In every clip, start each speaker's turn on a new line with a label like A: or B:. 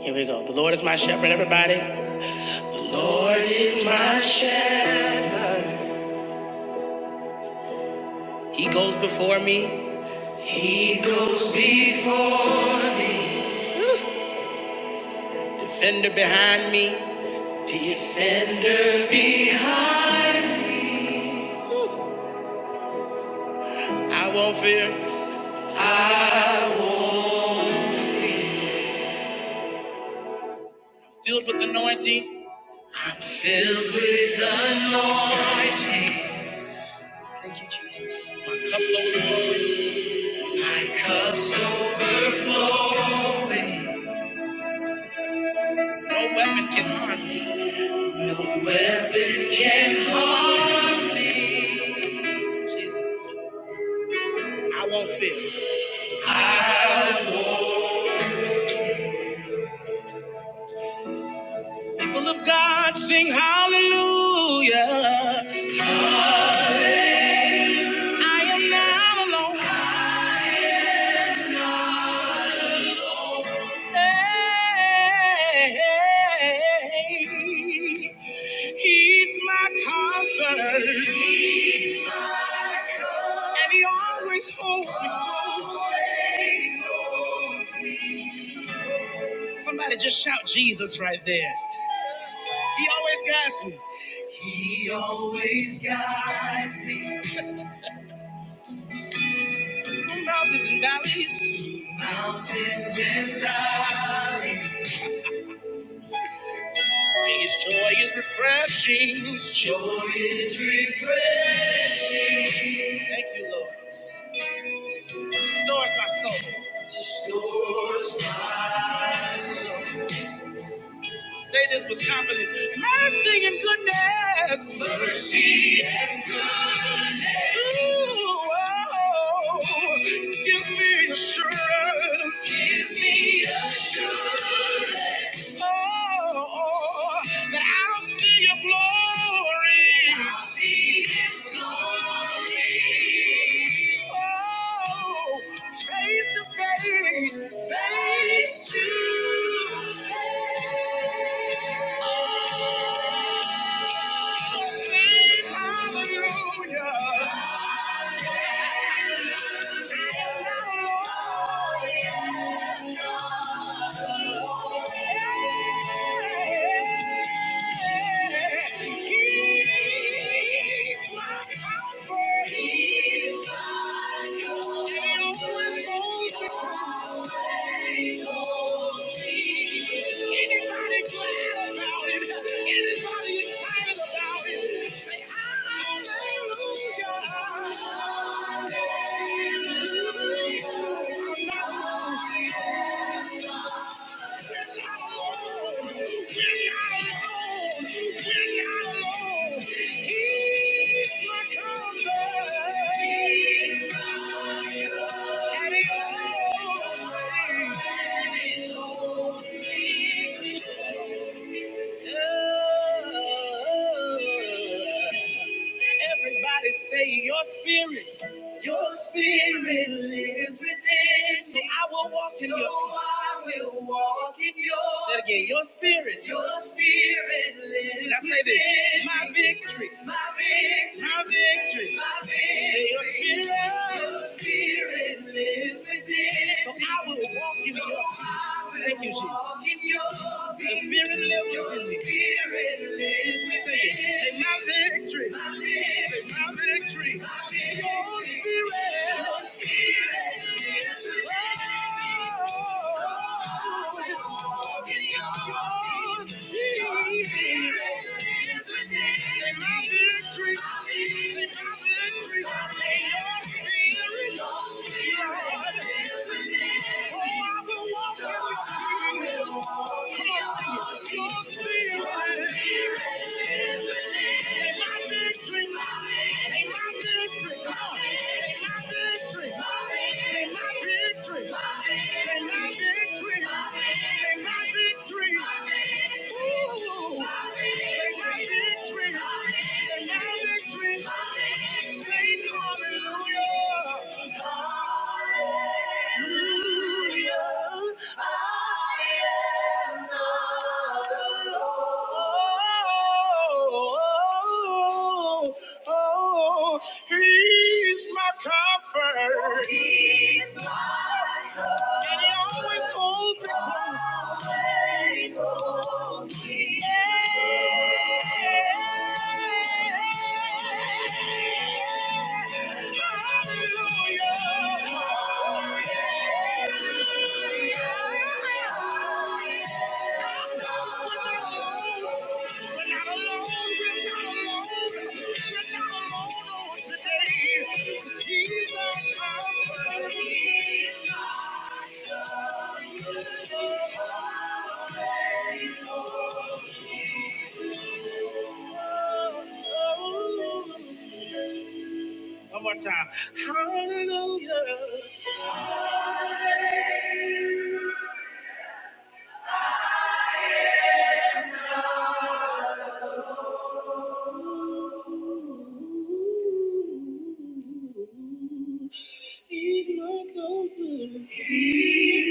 A: Here we go. The Lord is my shepherd, everybody. He goes before me. He goes before. Defender behind me. Defender behind. I won't fear. Filled with anointing. I'm filled with anointing. Thank you, Jesus. My cup's overflowing. My cup's overflowing. No weapon can harm me. No weapon can harm. Jesus. I won't fear. People of God sing hallelujah. I am not alone. Hey, he's my comfort. He's my comfort. And he always holds me close. Somebody just shout Jesus right there. He always guides me. He always guides me. mountains and valleys. Mountains and valleys. His joy is refreshing. His joy is refreshing. Thank you, Lord. Restores my soul. Restores my- Say this with confidence. Mercy and goodness. Mercy and goodness. Ooh, oh, give me assurance. Give me oh, oh, that I'll see your glory. I'll see Oh, face to face, face to face. Oh, sing hallelujah. I'm He's my comfort. He's my Hallelujah. Everybody say your spirit, spirit within. Say I will walk in your. So I walk in your. Say it again, your spirit, your spirit. Now say this, my victory. My victory, my victory, my victory. Say your spirit, your spirit lives within. So I will walk in so your I Thank you, Jesus. walk your spirit lives your within spirit me. lives say, within. say my victory, my victory. Say my victory. My victory. Your spirit, your spirit lives within me. So I will walk in your, your spirit. Say my victory. Say my victory. your spirit. Lord, is Oh, I will walk in your promise. Come on, Your spirit. my victory. my victory. my victory. my victory. my victory. my victory. Oh, he's my comfort. He's my comfort. And he always holds me Today, 'cause he's our one more time. Hallelujah. Ooh, He's my comfort. He's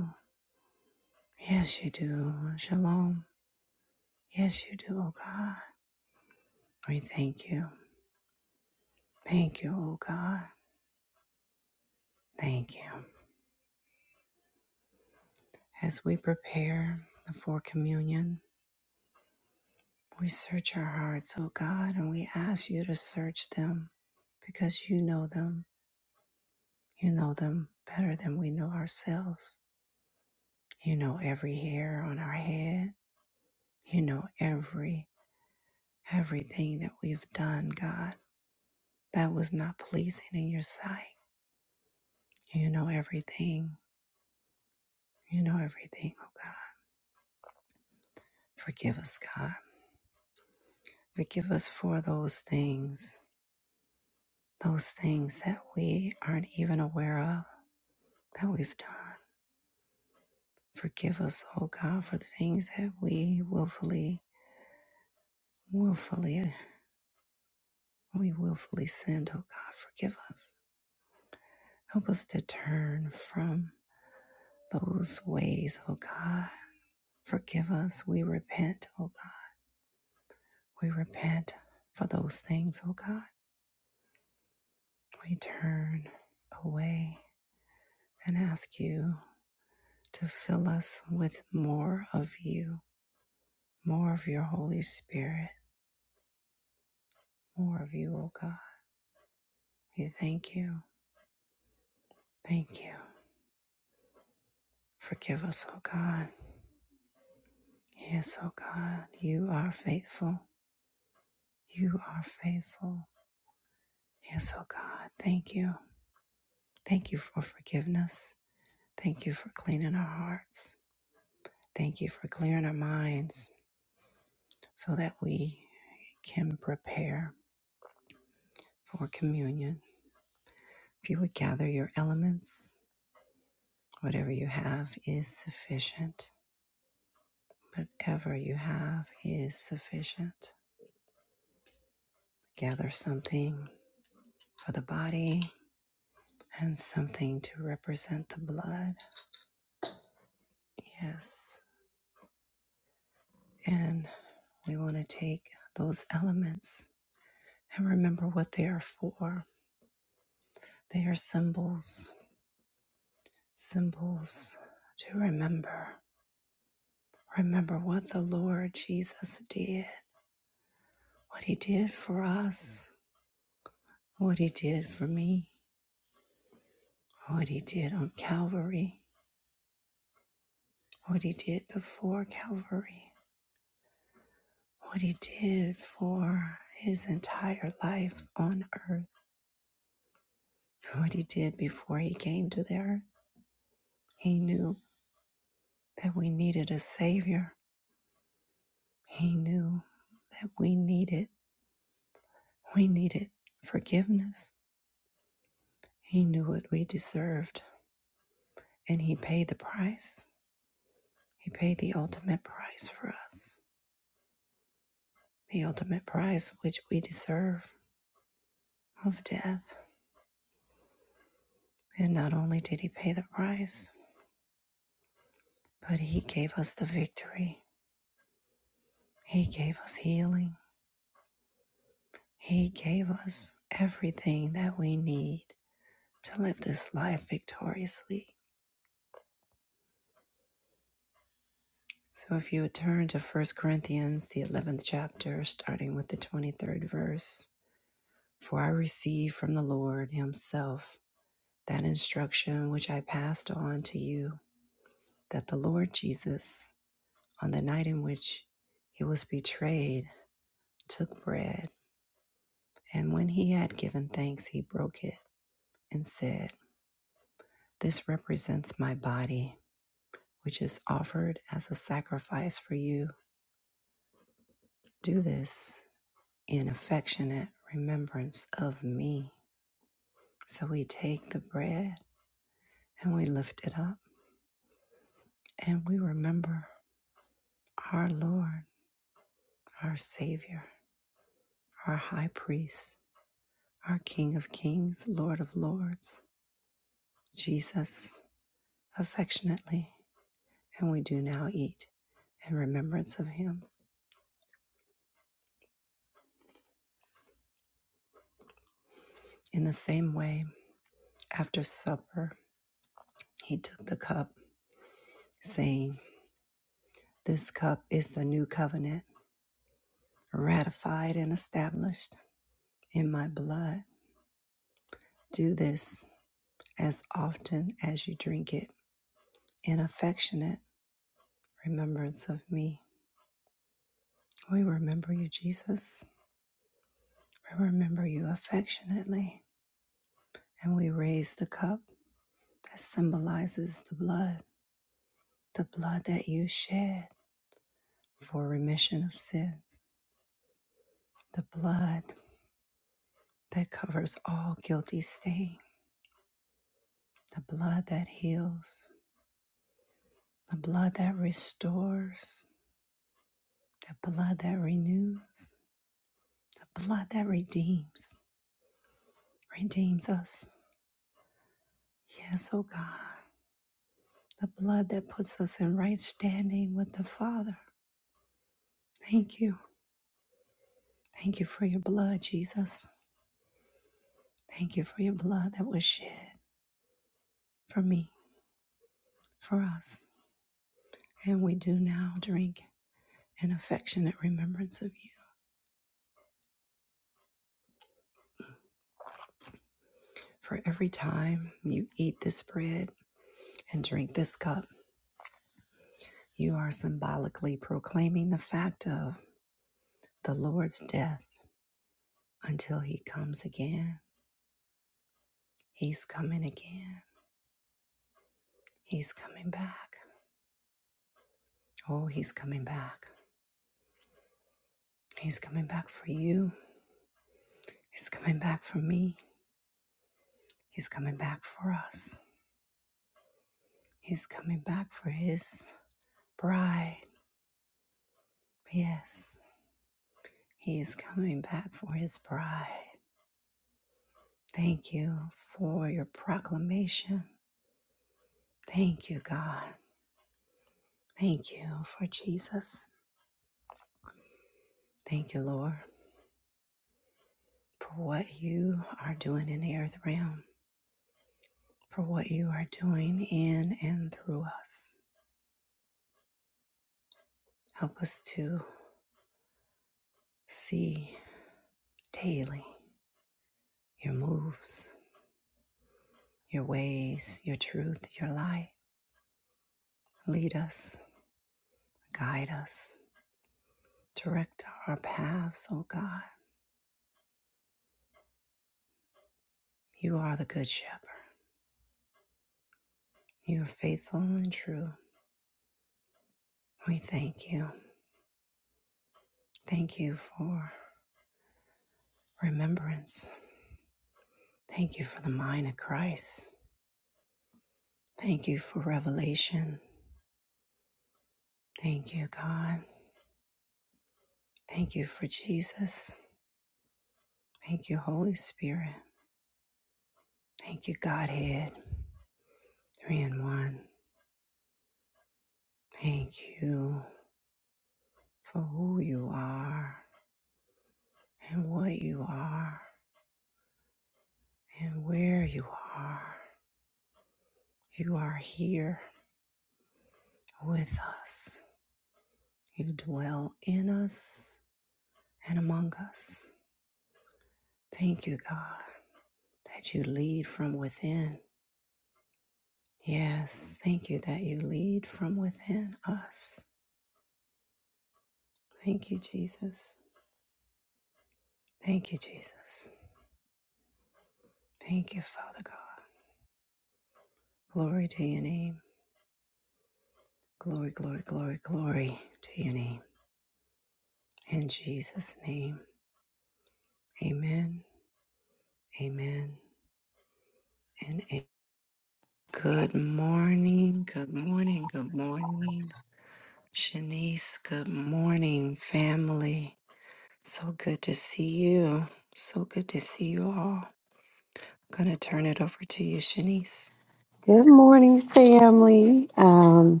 B: Good morning, family. Um,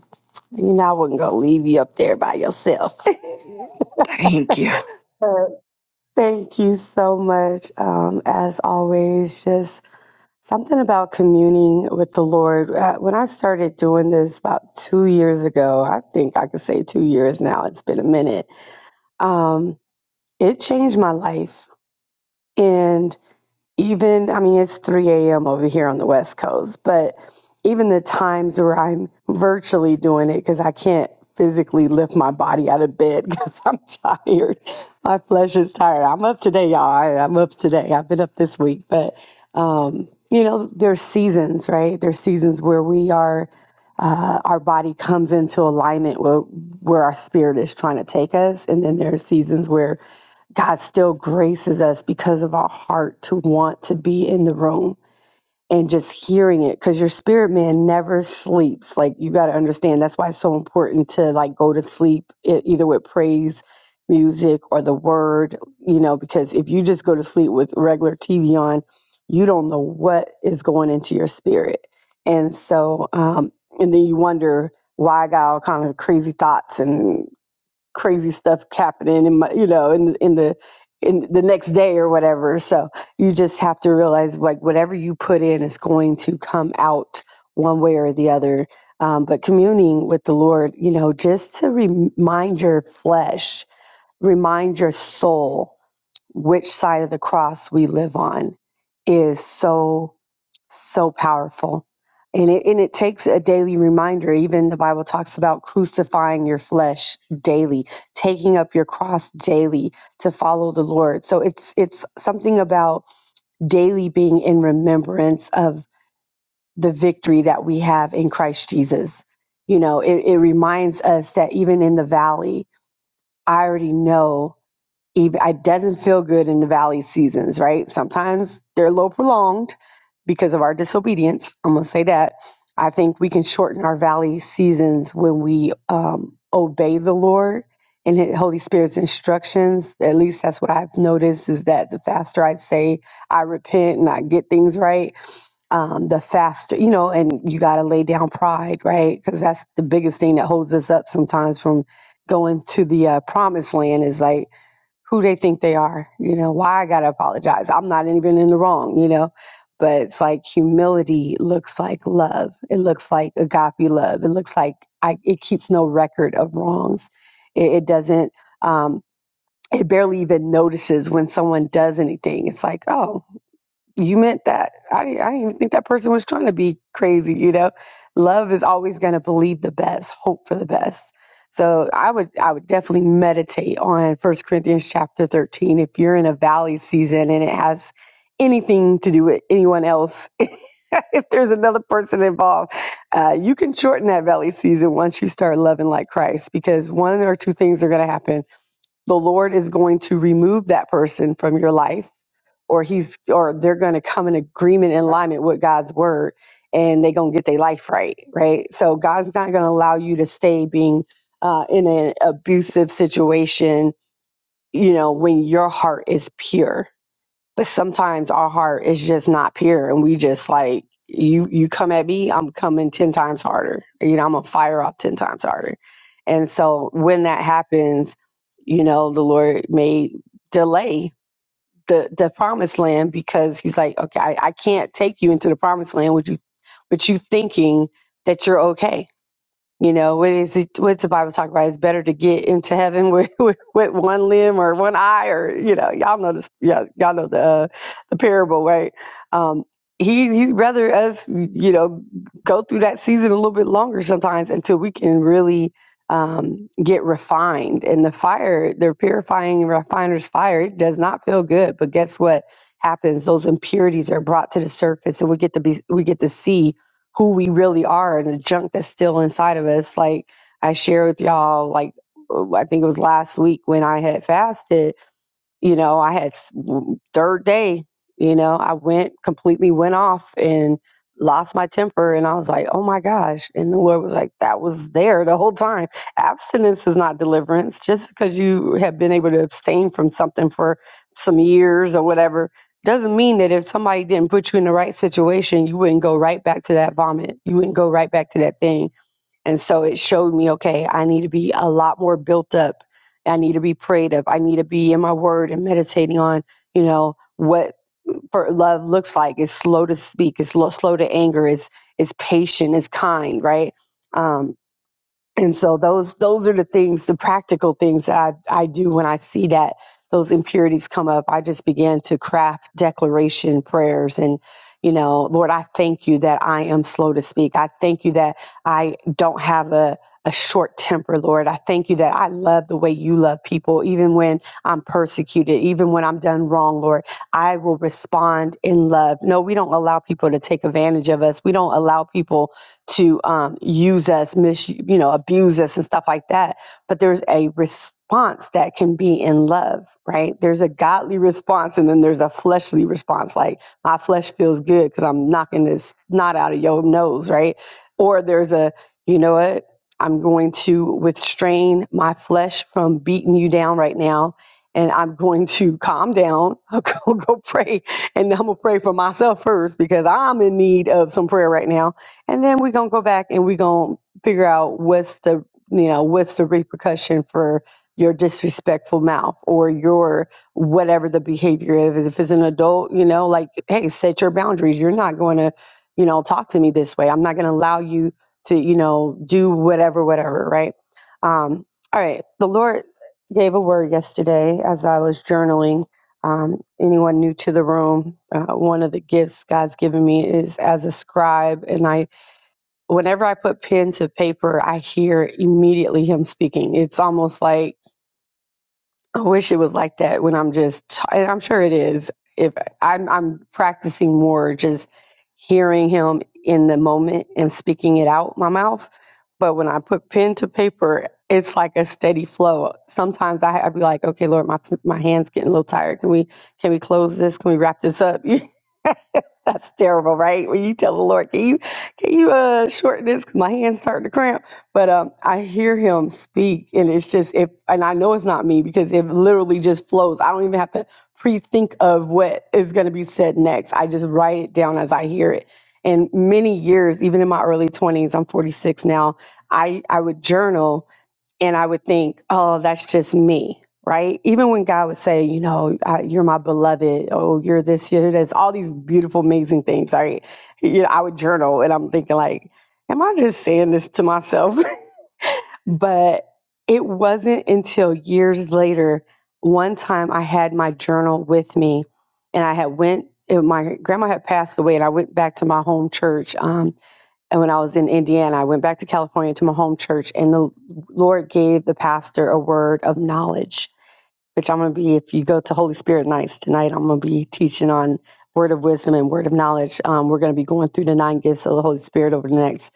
B: you know, I wasn't gonna leave you up there by yourself. But Thank you so much. Um, as always, just something about communing with the Lord. Uh, When I started doing this about two years ago, I think I could say two years now, it's been a minute. Um, it changed my life. even I mean it's 3 a.m. over here on the West Coast, but even the times where I'm virtually doing it because I can't physically lift my body out of bed because I'm tired. My flesh is tired. I'm up today, y'all. I, I'm up today. I've been up this week, but um, you know, there's seasons, right? There's seasons where we are. Uh, our body comes into alignment with where our spirit is trying to take us, and then there are seasons where God still graces us because of our heart to want to be in the room and just hearing it because your spirit man never sleeps. Like you got to understand that's why it's so important to like go to sleep e- either with praise music or the word, you know, because if you just go to sleep with regular TV on, you don't know what is going into your spirit. And so, um, and then you wonder why I got all kind of crazy thoughts and crazy stuff happening in my, you know, in in the in the next day or whatever. So you just have to realize like whatever you put in is going to come out one way or the other. Um, but communing with the Lord, you know, just to remind your flesh, remind your soul which side of the cross we live on is so so powerful. And it, and it takes a daily reminder. Even the Bible talks about crucifying your flesh daily, taking up your cross daily to follow the Lord. So it's it's something about daily being in remembrance of the victory that we have in Christ Jesus. You know, it, it reminds us that even in the valley, I already know even it doesn't feel good in the valley seasons, right? Sometimes they're a little prolonged because of our disobedience. I'm gonna say that. I think we can shorten our valley seasons when we um, obey the Lord and His Holy Spirit's instructions. At least that's what I've noticed is that the faster I say I repent and I get things right, um, the faster, you know, and you got to lay down pride, right? Because that's the biggest thing that holds us up sometimes from going to the uh, promised land is like, who they think they are. You know, why I got to apologize. I'm not even in the wrong, you know. But it's like humility looks like love. It looks like agape love. It looks like I, it keeps no record of wrongs. It, it doesn't, um, it barely even notices when someone does anything. It's like, oh, you meant that. I didn't, I didn't even think that person was trying to be crazy. You know, love is always going to believe the best, hope for the best. So I would, I would definitely meditate on First Corinthians chapter thirteen. If you're in a valley season and it has anything to do with anyone else, if there's another person involved, uh, you can shorten that valley season once you start loving like Christ, because one or two things are going to happen. The Lord is going to remove that person from your life or he's or they're going to come in agreement and alignment with God's word and they're going to get their life right right so God's not going to allow you to stay being uh, in an abusive situation you know when your heart is pure but sometimes our heart is just not pure and we just like you you come at me I'm coming 10 times harder you know I'm gonna fire off 10 times harder and so when that happens you know the Lord may delay the the promised land because he's like, okay, I, I can't take you into the promised land with you, with you thinking that you're okay. You know, what is it, what's the Bible talk about? It's better to get into heaven with, with, with one limb or one eye, or you know, y'all know this. Yeah, y'all know the uh, the parable, right? Um, he he'd rather us, you know, go through that season a little bit longer sometimes until we can really um, get refined. And the fire, the purifying refiner's fire, it does not feel good. But guess what happens? Those impurities are brought to the surface, and we get to be we get to see who we really are and the junk that's still inside of us. Like I shared with y'all, like I think it was last week when I had fasted you know, I had s- w- third day, you know, I went completely went off and lost my temper. And I was like, oh my gosh. And the Lord was like, that was there the whole time. Abstinence is not deliverance. Just because you have been able to abstain from something for some years or whatever doesn't mean that if somebody didn't put you in the right situation, you wouldn't go right back to that vomit. You wouldn't go right back to that thing and so it showed me, okay, I need to be a lot more built up. I need to be prayed up. I need to be in my word and meditating on, you know, what for love looks like. It's slow to speak. It's lo- slow to anger. It's it's patient. It's kind, right? Um, and so those those are the things the practical things that i i do when i see that those impurities come up i just begin to craft declaration prayers and you know lord i thank you that i am slow to speak i thank you that i don't have a a short temper, Lord. I thank you that I love the way you love people, even when I'm persecuted, even when I'm done wrong, Lord. I will respond in love. No, we don't allow people to take advantage of us. We don't allow people to um, use us, mis you know, abuse us and stuff like that. But there's a response that can be in love, right? There's a godly response and then there's a fleshly response. Like my flesh feels good because I'm knocking this knot out of your nose, right? Or there's a, you know what? I'm going to restrain my flesh from beating you down right now. And I'm going to calm down. I'll go, go pray. And I'm going to pray for myself first because I'm in need of some prayer right now and then we're gonna go back and we're gonna figure out what's the you know what's the repercussion for your disrespectful mouth or your whatever the behavior is if it's an adult you know like hey set your boundaries you're not going to you know talk to me this way i'm not going to allow you to you know do whatever whatever right um all right the lord gave a word yesterday as i was journaling um, anyone new to the room, uh, one of the gifts God's given me is as a scribe, and I whenever I put pen to paper, I hear immediately him speaking. It's almost like I wish it was like that when I'm just, t- and I'm sure it is. If I'm, I'm practicing more, just hearing him in the moment and speaking it out my mouth. But when I put pen to paper, it's like a steady flow. Sometimes I, I'd be like, okay, Lord, my my hands getting a little tired. Can we can we close this? Can we wrap this up? That's terrible, right? When you tell the Lord, can you can you uh shorten this? 'Cause my hands starting to cramp. But um, I hear Him speak, and it's just if, and I know it's not me because it literally just flows. I don't even have to pre-think of what is going to be said next. I just write it down as I hear it. And many years, even in my early twenties, I'm 46 now. I I would journal and I would think, oh, that's just me, right? Even when God would say, you know, I, you're my beloved, oh, you're this, you're this, all these beautiful, amazing things, right? You know, I would journal and I'm thinking, like, am I just saying this to myself? but it wasn't until years later, one time I had my journal with me and I had went, it, my grandma had passed away and I went back to my home church. Um, and when I was in Indiana, I went back to California to my home church, and the Lord gave the pastor a word of knowledge, which I'm going to be, if you go to Holy Spirit nights tonight, I'm going to be teaching on word of wisdom and word of knowledge. Um, we're going to be going through the nine gifts of the Holy Spirit over the next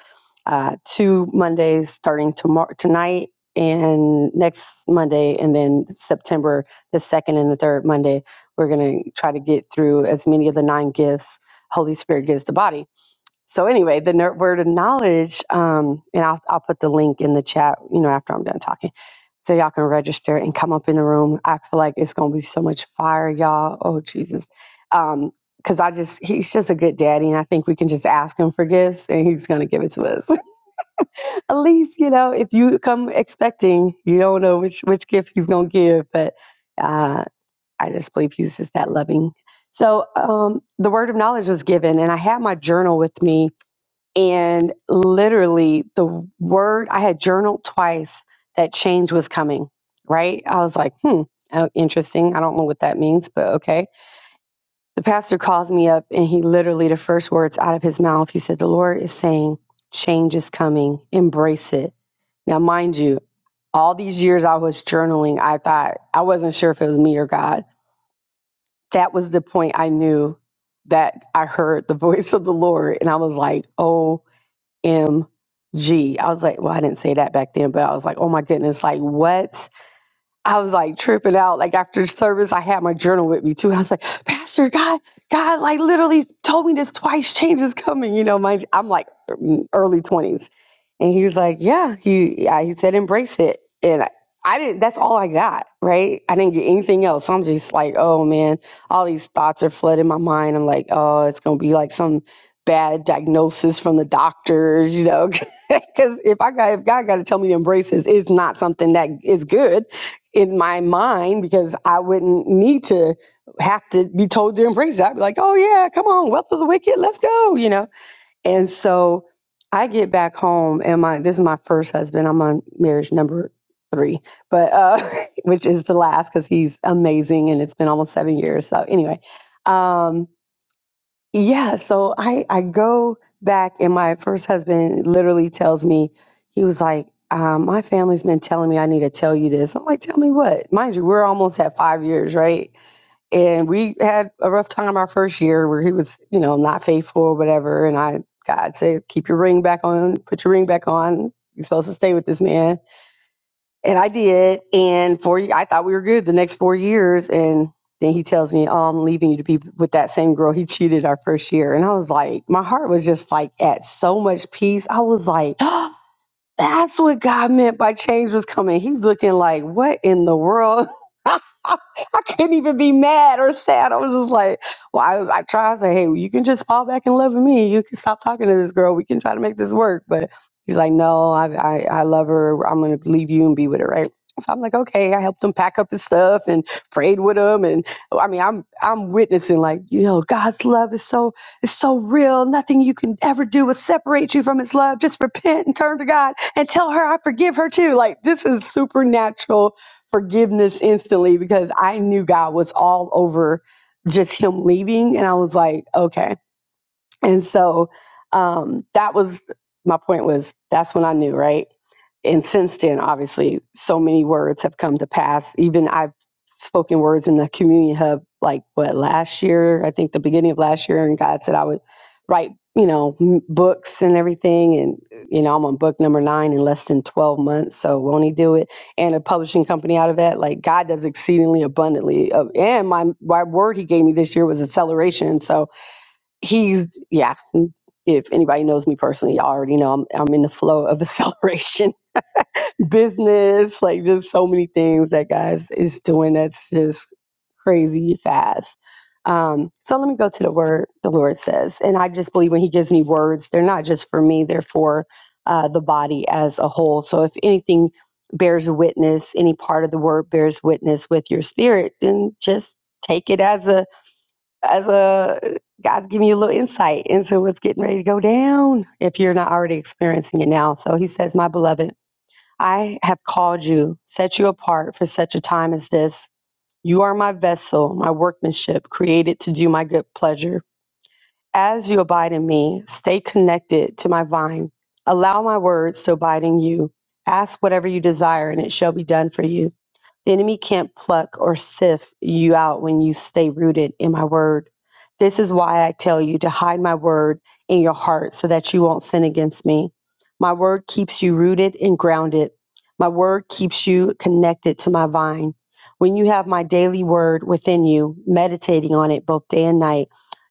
B: uh, two Mondays, starting tomorrow, tonight and next Monday, and then September, the second and the third Monday. We're going to try to get through as many of the nine gifts Holy Spirit gives the body so anyway, the nerd word of knowledge, um, and I'll, I'll put the link in the chat, you know, after I'm done talking, so y'all can register and come up in the room. I feel like it's gonna be so much fire, y'all. Oh Jesus, because I just he's just a good daddy, and I think we can just ask him for gifts, and he's gonna give it to us. At least you know, if you come expecting, you don't know which which gift he's gonna give, but uh, I just believe he's just that loving. So um, the word of knowledge was given, and I had my journal with me and literally, the word I had journaled twice that change was coming, right? I was like, hmm, oh, interesting. I don't know what that means, but okay. The pastor calls me up, and he literally, the first words out of his mouth, he said, The Lord is saying, change is coming, embrace it. Now, mind you, all these years I was journaling, I thought I wasn't sure if it was me or God. That was the point I knew that I heard the voice of the Lord. And I was like, oh M G. I was like, well, I didn't say that back then, but I was like, oh my goodness, like what? I was like tripping out. Like after service, I had my journal with me too. And I was like, Pastor, God, God, like literally told me this twice. Change is coming. You know, my I'm like early twenties, and he was like, Yeah, he yeah, he said embrace it, and I, I didn't. That's all I got. Right? I didn't get anything else. So I'm just like, Oh man, all these thoughts are flooding my mind. I'm like, Oh, it's gonna be like some bad diagnosis from the doctors. You know, because if I got if God got to tell me to embrace this, it's not something that is good in my mind because I wouldn't need to have to be told to embrace it. I'd be like, oh, yeah, come on, wealth of the wicked, let's go, you know? And so I get back home, and my this is my first husband. I'm on marriage number three, but uh, which is the last because he's amazing and it's been almost seven years. So, anyway. Um, yeah, so I I go back and my first husband literally tells me he was like, um, my family's been telling me I need to tell you this. I'm like, tell me what? Mind you, we're almost at five years, right? And we had a rough time our first year where he was, you know, not faithful or whatever. And I God said, keep your ring back on, put your ring back on. You're supposed to stay with this man and I did. And four, I thought we were good the next four years. And then he tells me, oh, I'm leaving you to be with that same girl. He cheated our first year. And I was like, my heart was just like at so much peace. I was like, That's what God meant by change was coming. He's looking like, what in the world? I couldn't even be mad or sad. I was just like, well, I, I tried to say, hey, you can just fall back in love with me. You can stop talking to this girl. We can try to make this work. But he's like, no, I, I, I love her. I'm going to leave you and be with her, right? So I'm like, okay. I helped him pack up his stuff and prayed with him. And I mean, I'm I'm witnessing like, you know, God's love is so it's so real. Nothing you can ever do will separate you from his love. Just repent and turn to God and tell her I forgive her too. Like this is supernatural forgiveness instantly because I knew God was all over just him leaving. And I was like, okay. And so um that was my point was that's when I knew, right? and since then, obviously, so many words have come to pass. Even I've spoken words in the community hub, like what last year, I think the beginning of last year, and God said I would write, you know, m- books and everything. And you know, I'm on book number nine in less than 12 months, so won't He do it? And a publishing company out of that, like God does exceedingly abundantly. Uh, and my my word He gave me this year was acceleration. So He's yeah. If anybody knows me personally, y'all already know I'm I'm in the flow of acceleration business, like just so many things that guys is doing that's just crazy fast. Um, so let me go to the word the Lord says. And I just believe when He gives me words, they're not just for me, they're for uh, the body as a whole. So if anything bears witness, any part of the word bears witness with your spirit, then just take it as a as a God's giving you a little insight into what's getting ready to go down if you're not already experiencing it now. So he says, My beloved. I have called you, set you apart for such a time as this. You are my vessel, my workmanship, created to do my good pleasure. As you abide in me, stay connected to my vine. Allow my words to abide in you. Ask whatever you desire, and it shall be done for you. The enemy can't pluck or sift you out when you stay rooted in my word. This is why I tell you to hide my word in your heart so that you won't sin against me. My word keeps you rooted and grounded. My word keeps you connected to my vine. When you have my daily word within you, meditating on it both day and night,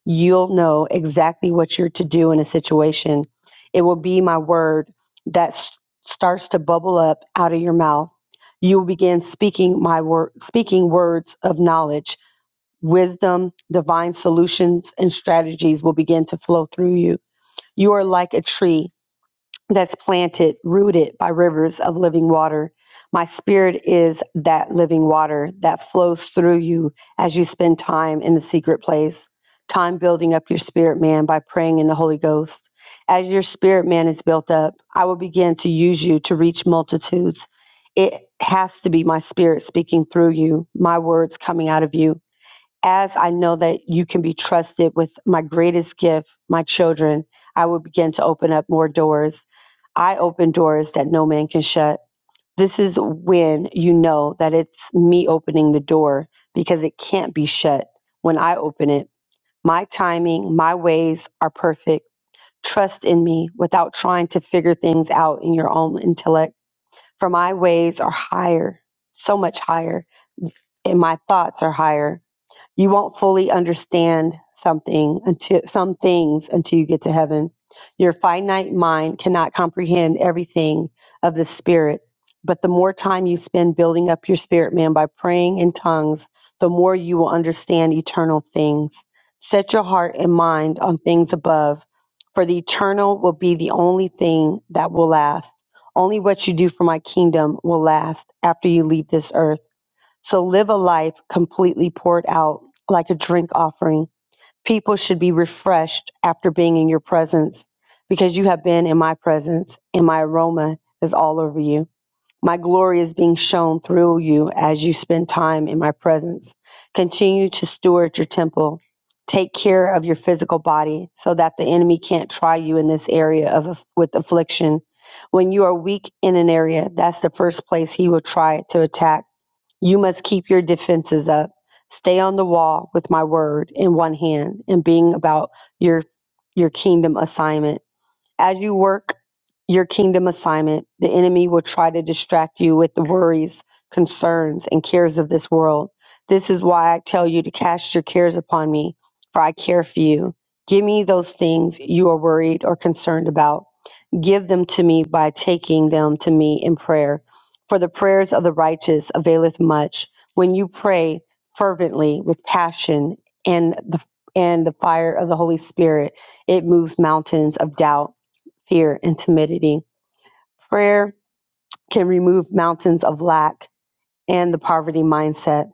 B: you'll know exactly what you're to do in a situation. It will be my word that s- starts to bubble up out of your mouth. You will begin speaking my word, speaking words of knowledge, wisdom, divine solutions, and strategies will begin to flow through you. You are like a tree that's planted, rooted by rivers of living water. My spirit is that living water that flows through you as you spend time in the secret place, time building up your spirit man by praying in the Holy Ghost. As your spirit man is built up, I will begin to use you to reach multitudes. It has to be my spirit speaking through you, my words coming out of you as I know that you can be trusted with my greatest gift, my children, I will begin to open up more doors. I open doors that no man can shut. This is when you know that it's me opening the door because it can't be shut when I open it. My timing, my ways are perfect. Trust in me without trying to figure things out in your own intellect. For my ways are higher, so much higher, and my thoughts are higher you won't fully understand something until some things until you get to heaven. Your finite mind cannot comprehend everything of the spirit, but the more time you spend building up your spirit man by praying in tongues, the more you will understand eternal things. Set your heart and mind on things above, for the eternal will be the only thing that will last. Only what you do for my kingdom will last after you leave this earth. So live a life completely poured out like a drink offering. People should be refreshed after being in your presence because you have been in my presence and my aroma is all over you. My glory is being shown through you as you spend time in my presence. Continue to steward your temple. Take care of your physical body so that the enemy can't try you in this area of with affliction. When you are weak in an area, that's the first place he will try to attack you must keep your defenses up. Stay on the wall with my word in one hand and being about your your kingdom assignment. As you work your kingdom assignment, the enemy will try to distract you with the worries, concerns, and cares of this world. This is why I tell you to cast your cares upon me, for I care for you. Give me those things you are worried or concerned about. Give them to me by taking them to me in prayer. For the prayers of the righteous availeth much. When you pray fervently with passion and the and the fire of the Holy Spirit, it moves mountains of doubt, fear, and timidity. Prayer can remove mountains of lack and the poverty mindset.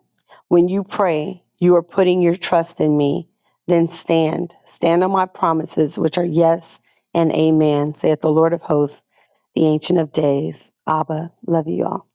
B: When you pray, you are putting your trust in me. Then stand, stand on my promises, which are yes and amen, saith the Lord of hosts, the Ancient of Days. Abba, love you all.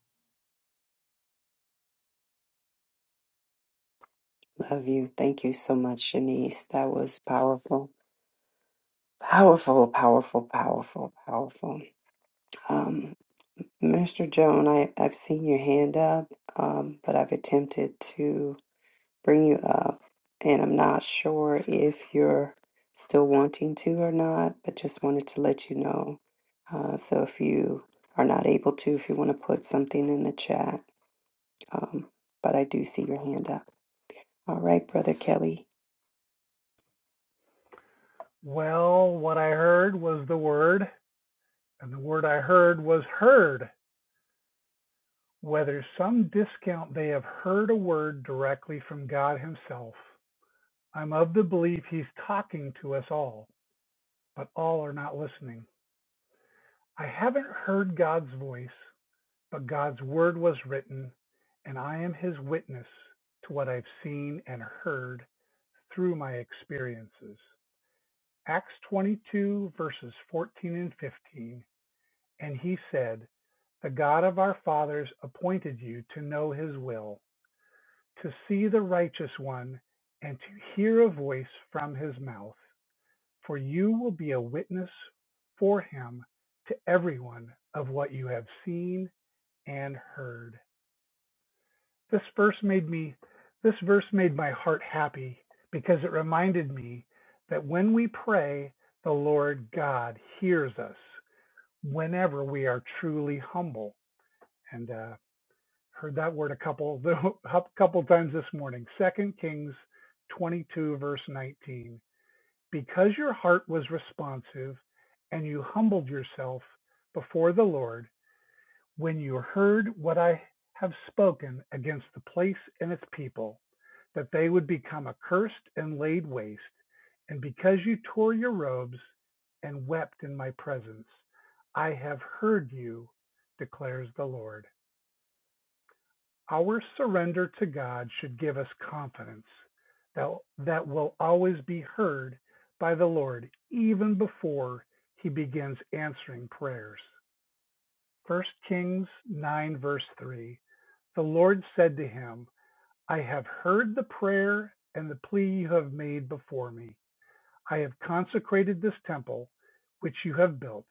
C: Well, what I heard was the word, and the word I heard was heard. Whether some discount they have heard a word directly from God Himself. I'm of the belief He's talking to us all, but all are not listening. I haven't heard God's voice, but God's word was written, and I am His witness to what I've seen and heard through my experiences. Acts 22, verses 14 and 15. And He said, The God of our fathers appointed you to know his will, to see the righteous one, and to hear a voice from his mouth. For you will be a witness for him to everyone of what you have seen and heard. This verse made me this verse made my heart happy because it reminded me that when we pray, the Lord God hears us whenever we are truly humble. And uh, heard that word a couple a couple times this morning. Second Kings 22 verse 19. Because your heart was responsive and you humbled yourself before the Lord when you heard what I have spoken against the place and its people that they would become accursed and laid waste and because you tore your robes and wept in my presence I have heard you declares the Lord. Our surrender to God should give us confidence that, that will always be heard by the Lord even before he begins answering prayers. 1 Kings 9, verse 3 The Lord said to him, I have heard the prayer and the plea you have made before me. I have consecrated this temple, which you have built,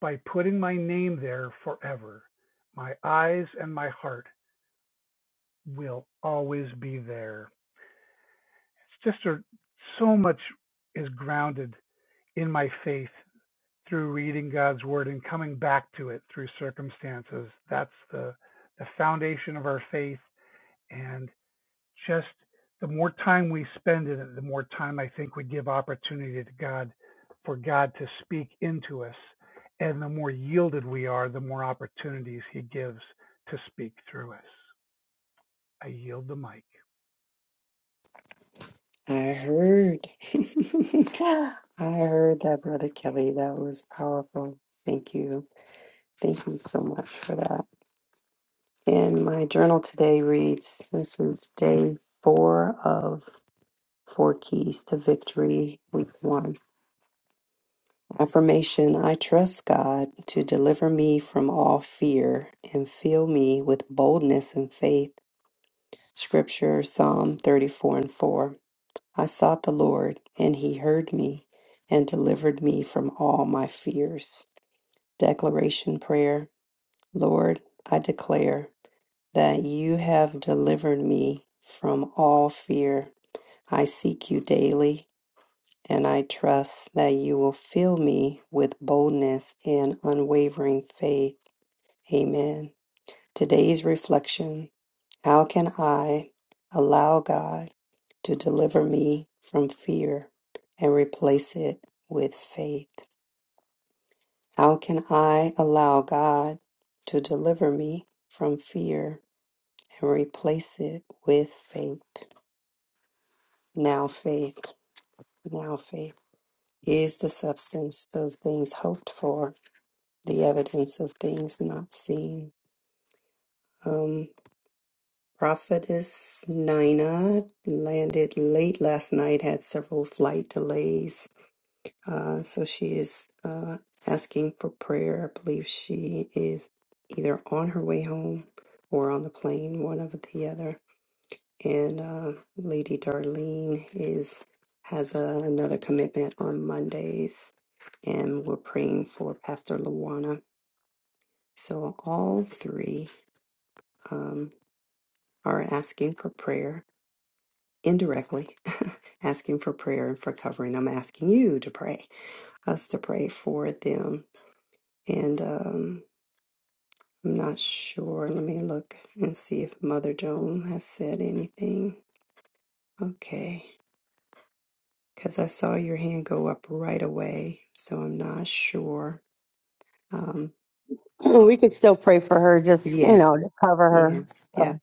C: by putting my name there forever. My eyes and my heart will always be there. sister, so much is grounded in my faith through reading God's word and coming back to it through circumstances. That's the the foundation of our faith and just the more time we spend in it, the more time I think we give opportunity to God for God to speak into us. And the more yielded we are, the more opportunities he gives to speak through us. I yield the mic.
B: we could still pray for her, just you know, to cover her. So,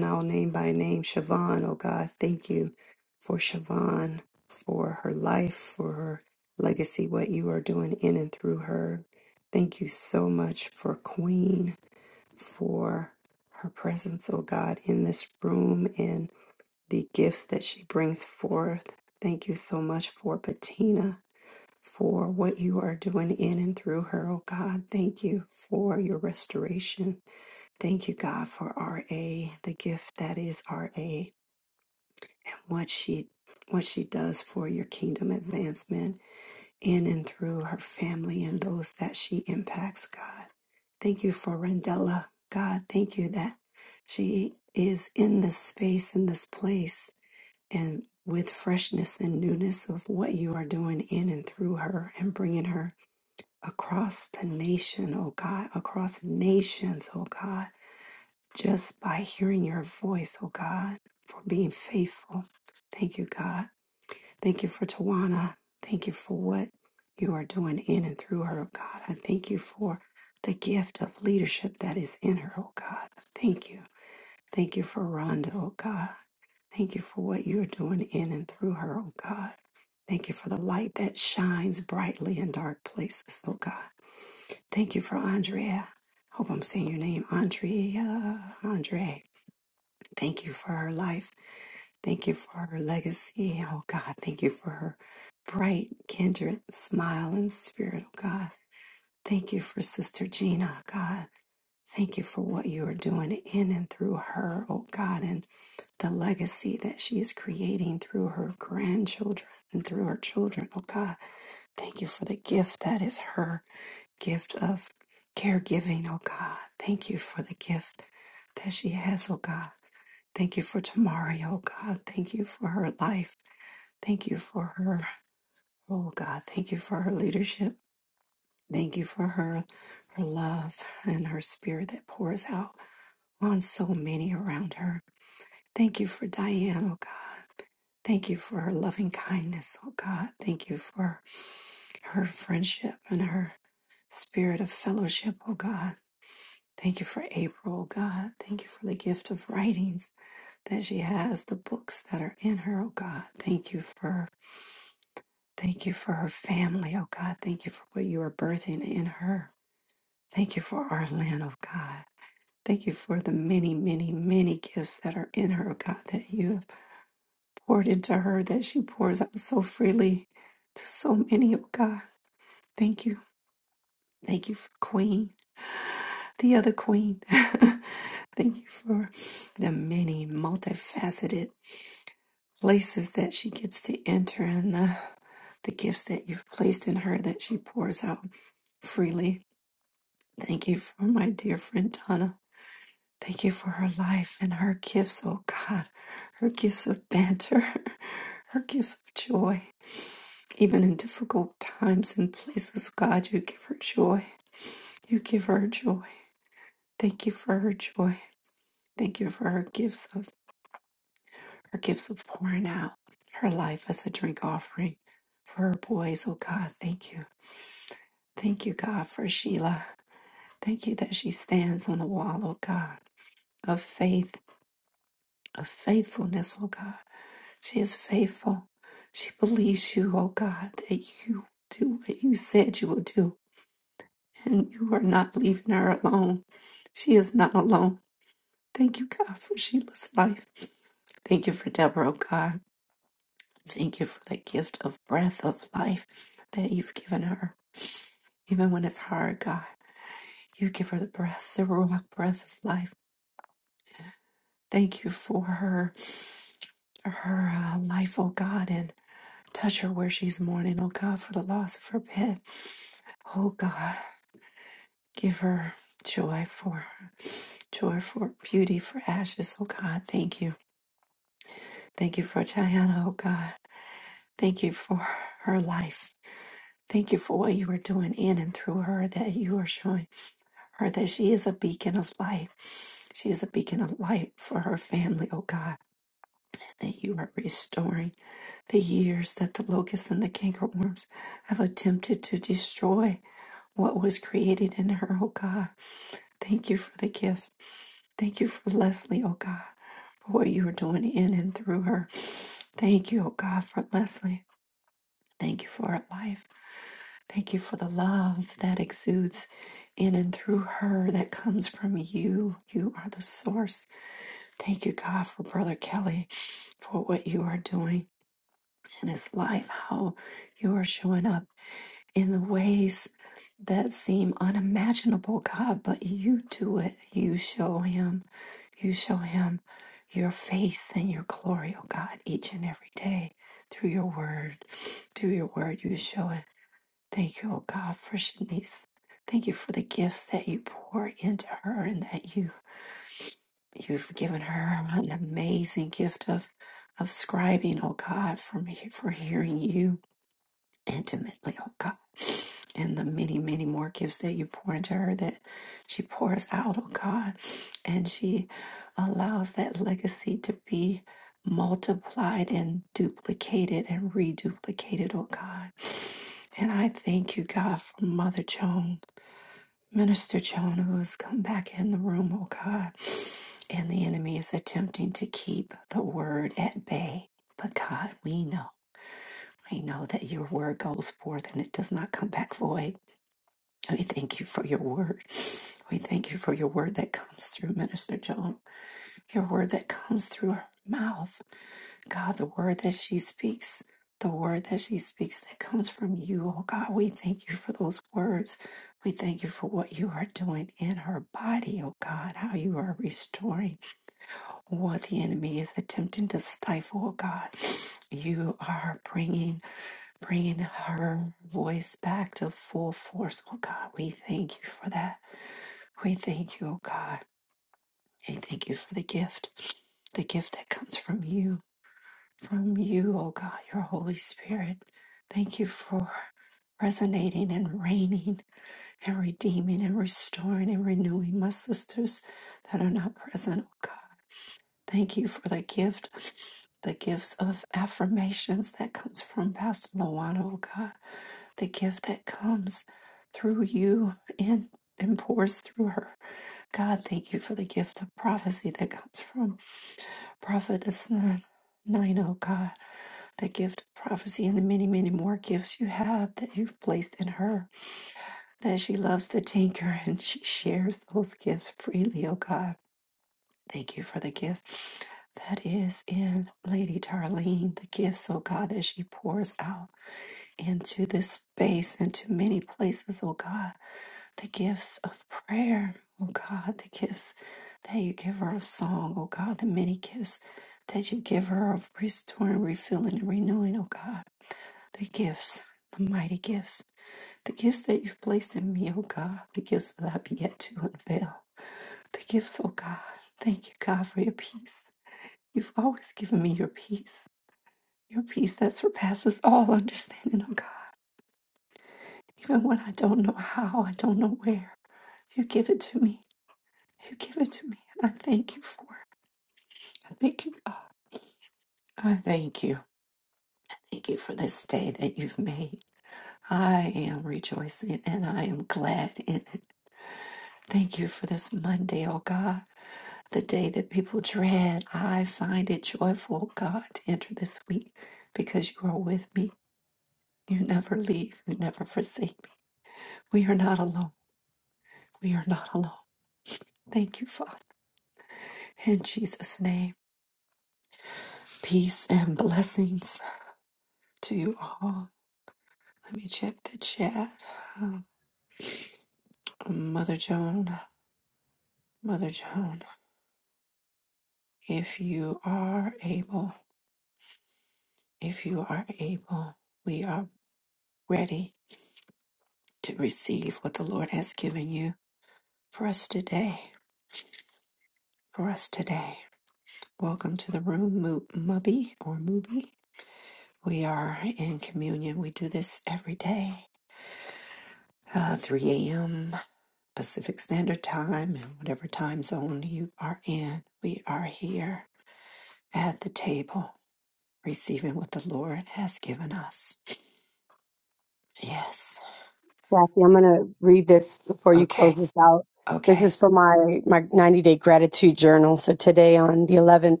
B: Kathy, I'm gonna read this before you close this out. This is for my my 90 day gratitude journal. So today on the 11th.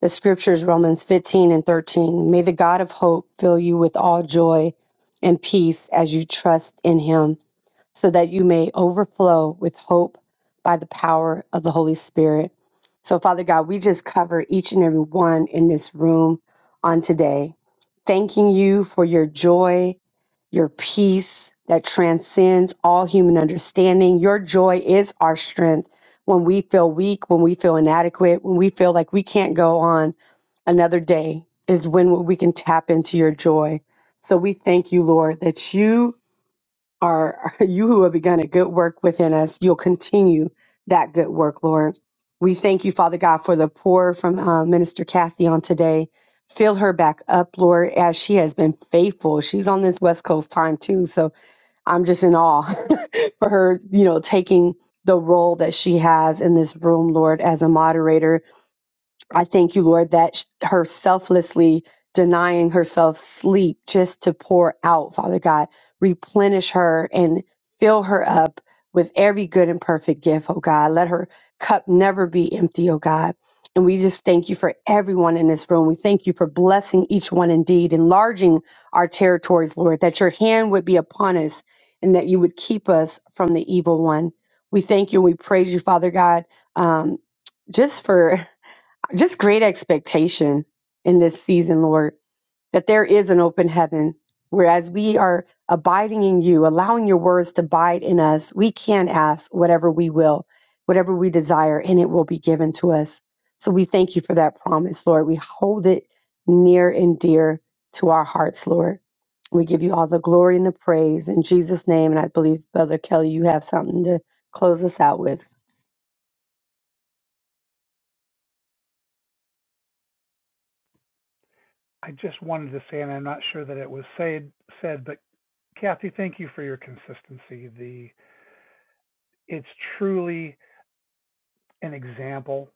B: The scriptures, Romans 15 and 13. May the God of hope fill you with all joy and peace as you trust in him, so that you may overflow with hope by the power of the Holy Spirit. So, Father God, we just cover each and every one in this room on today, thanking you for your joy, your peace that transcends all human understanding. Your joy is our strength when we feel weak, when we feel inadequate, when we feel like we can't go on another day is when we can tap into your joy. So we thank you, Lord, that you are you who have begun a good work within us. You'll continue that good work, Lord. We thank you, Father God, for the pour from uh, Minister Kathy on today. Fill her back up, Lord, as she has been faithful. She's on this West Coast time too, so I'm just in awe for her, you know, taking the role that she has in this room, Lord, as a moderator I thank you, Lord, that sh- her selflessly denying herself sleep just to pour out, Father God, replenish her and fill her up with every good and perfect gift, oh God. Let her cup never be empty, oh God. And we just thank you for everyone in this room. We thank you for blessing each one indeed, enlarging our territories, Lord, that your hand would be upon us and that you would keep us from the evil one. We thank you and we praise you, Father God, um, just for. Just great expectation in this season, Lord, that there is an open heaven. Whereas we are abiding in you, allowing your words to abide in us, we can ask whatever we will, whatever we desire, and it will be given to us. So we thank you for that promise, Lord. We hold it near and dear to our hearts, Lord. We give you all the glory and the praise in Jesus' name. And I believe, Brother Kelly, you have something to close us out with.
C: I just wanted to say, and I'm not sure that it was said, said, but Kathy, thank you for your consistency. The it's truly an example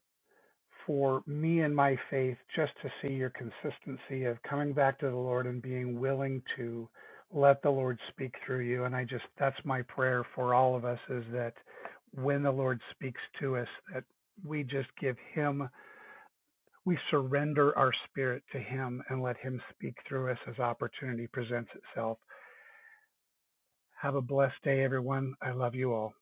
C: for me and my faith just to see your consistency of coming back to the Lord and being willing to let the Lord speak through you. And I just that's my prayer for all of us is that when the Lord speaks to us, that we just give him we surrender our spirit to him and let him speak through us as opportunity presents itself. Have a blessed day, everyone. I love you all.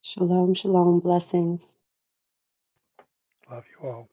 B: Shalom, shalom, blessings.
C: Love you all.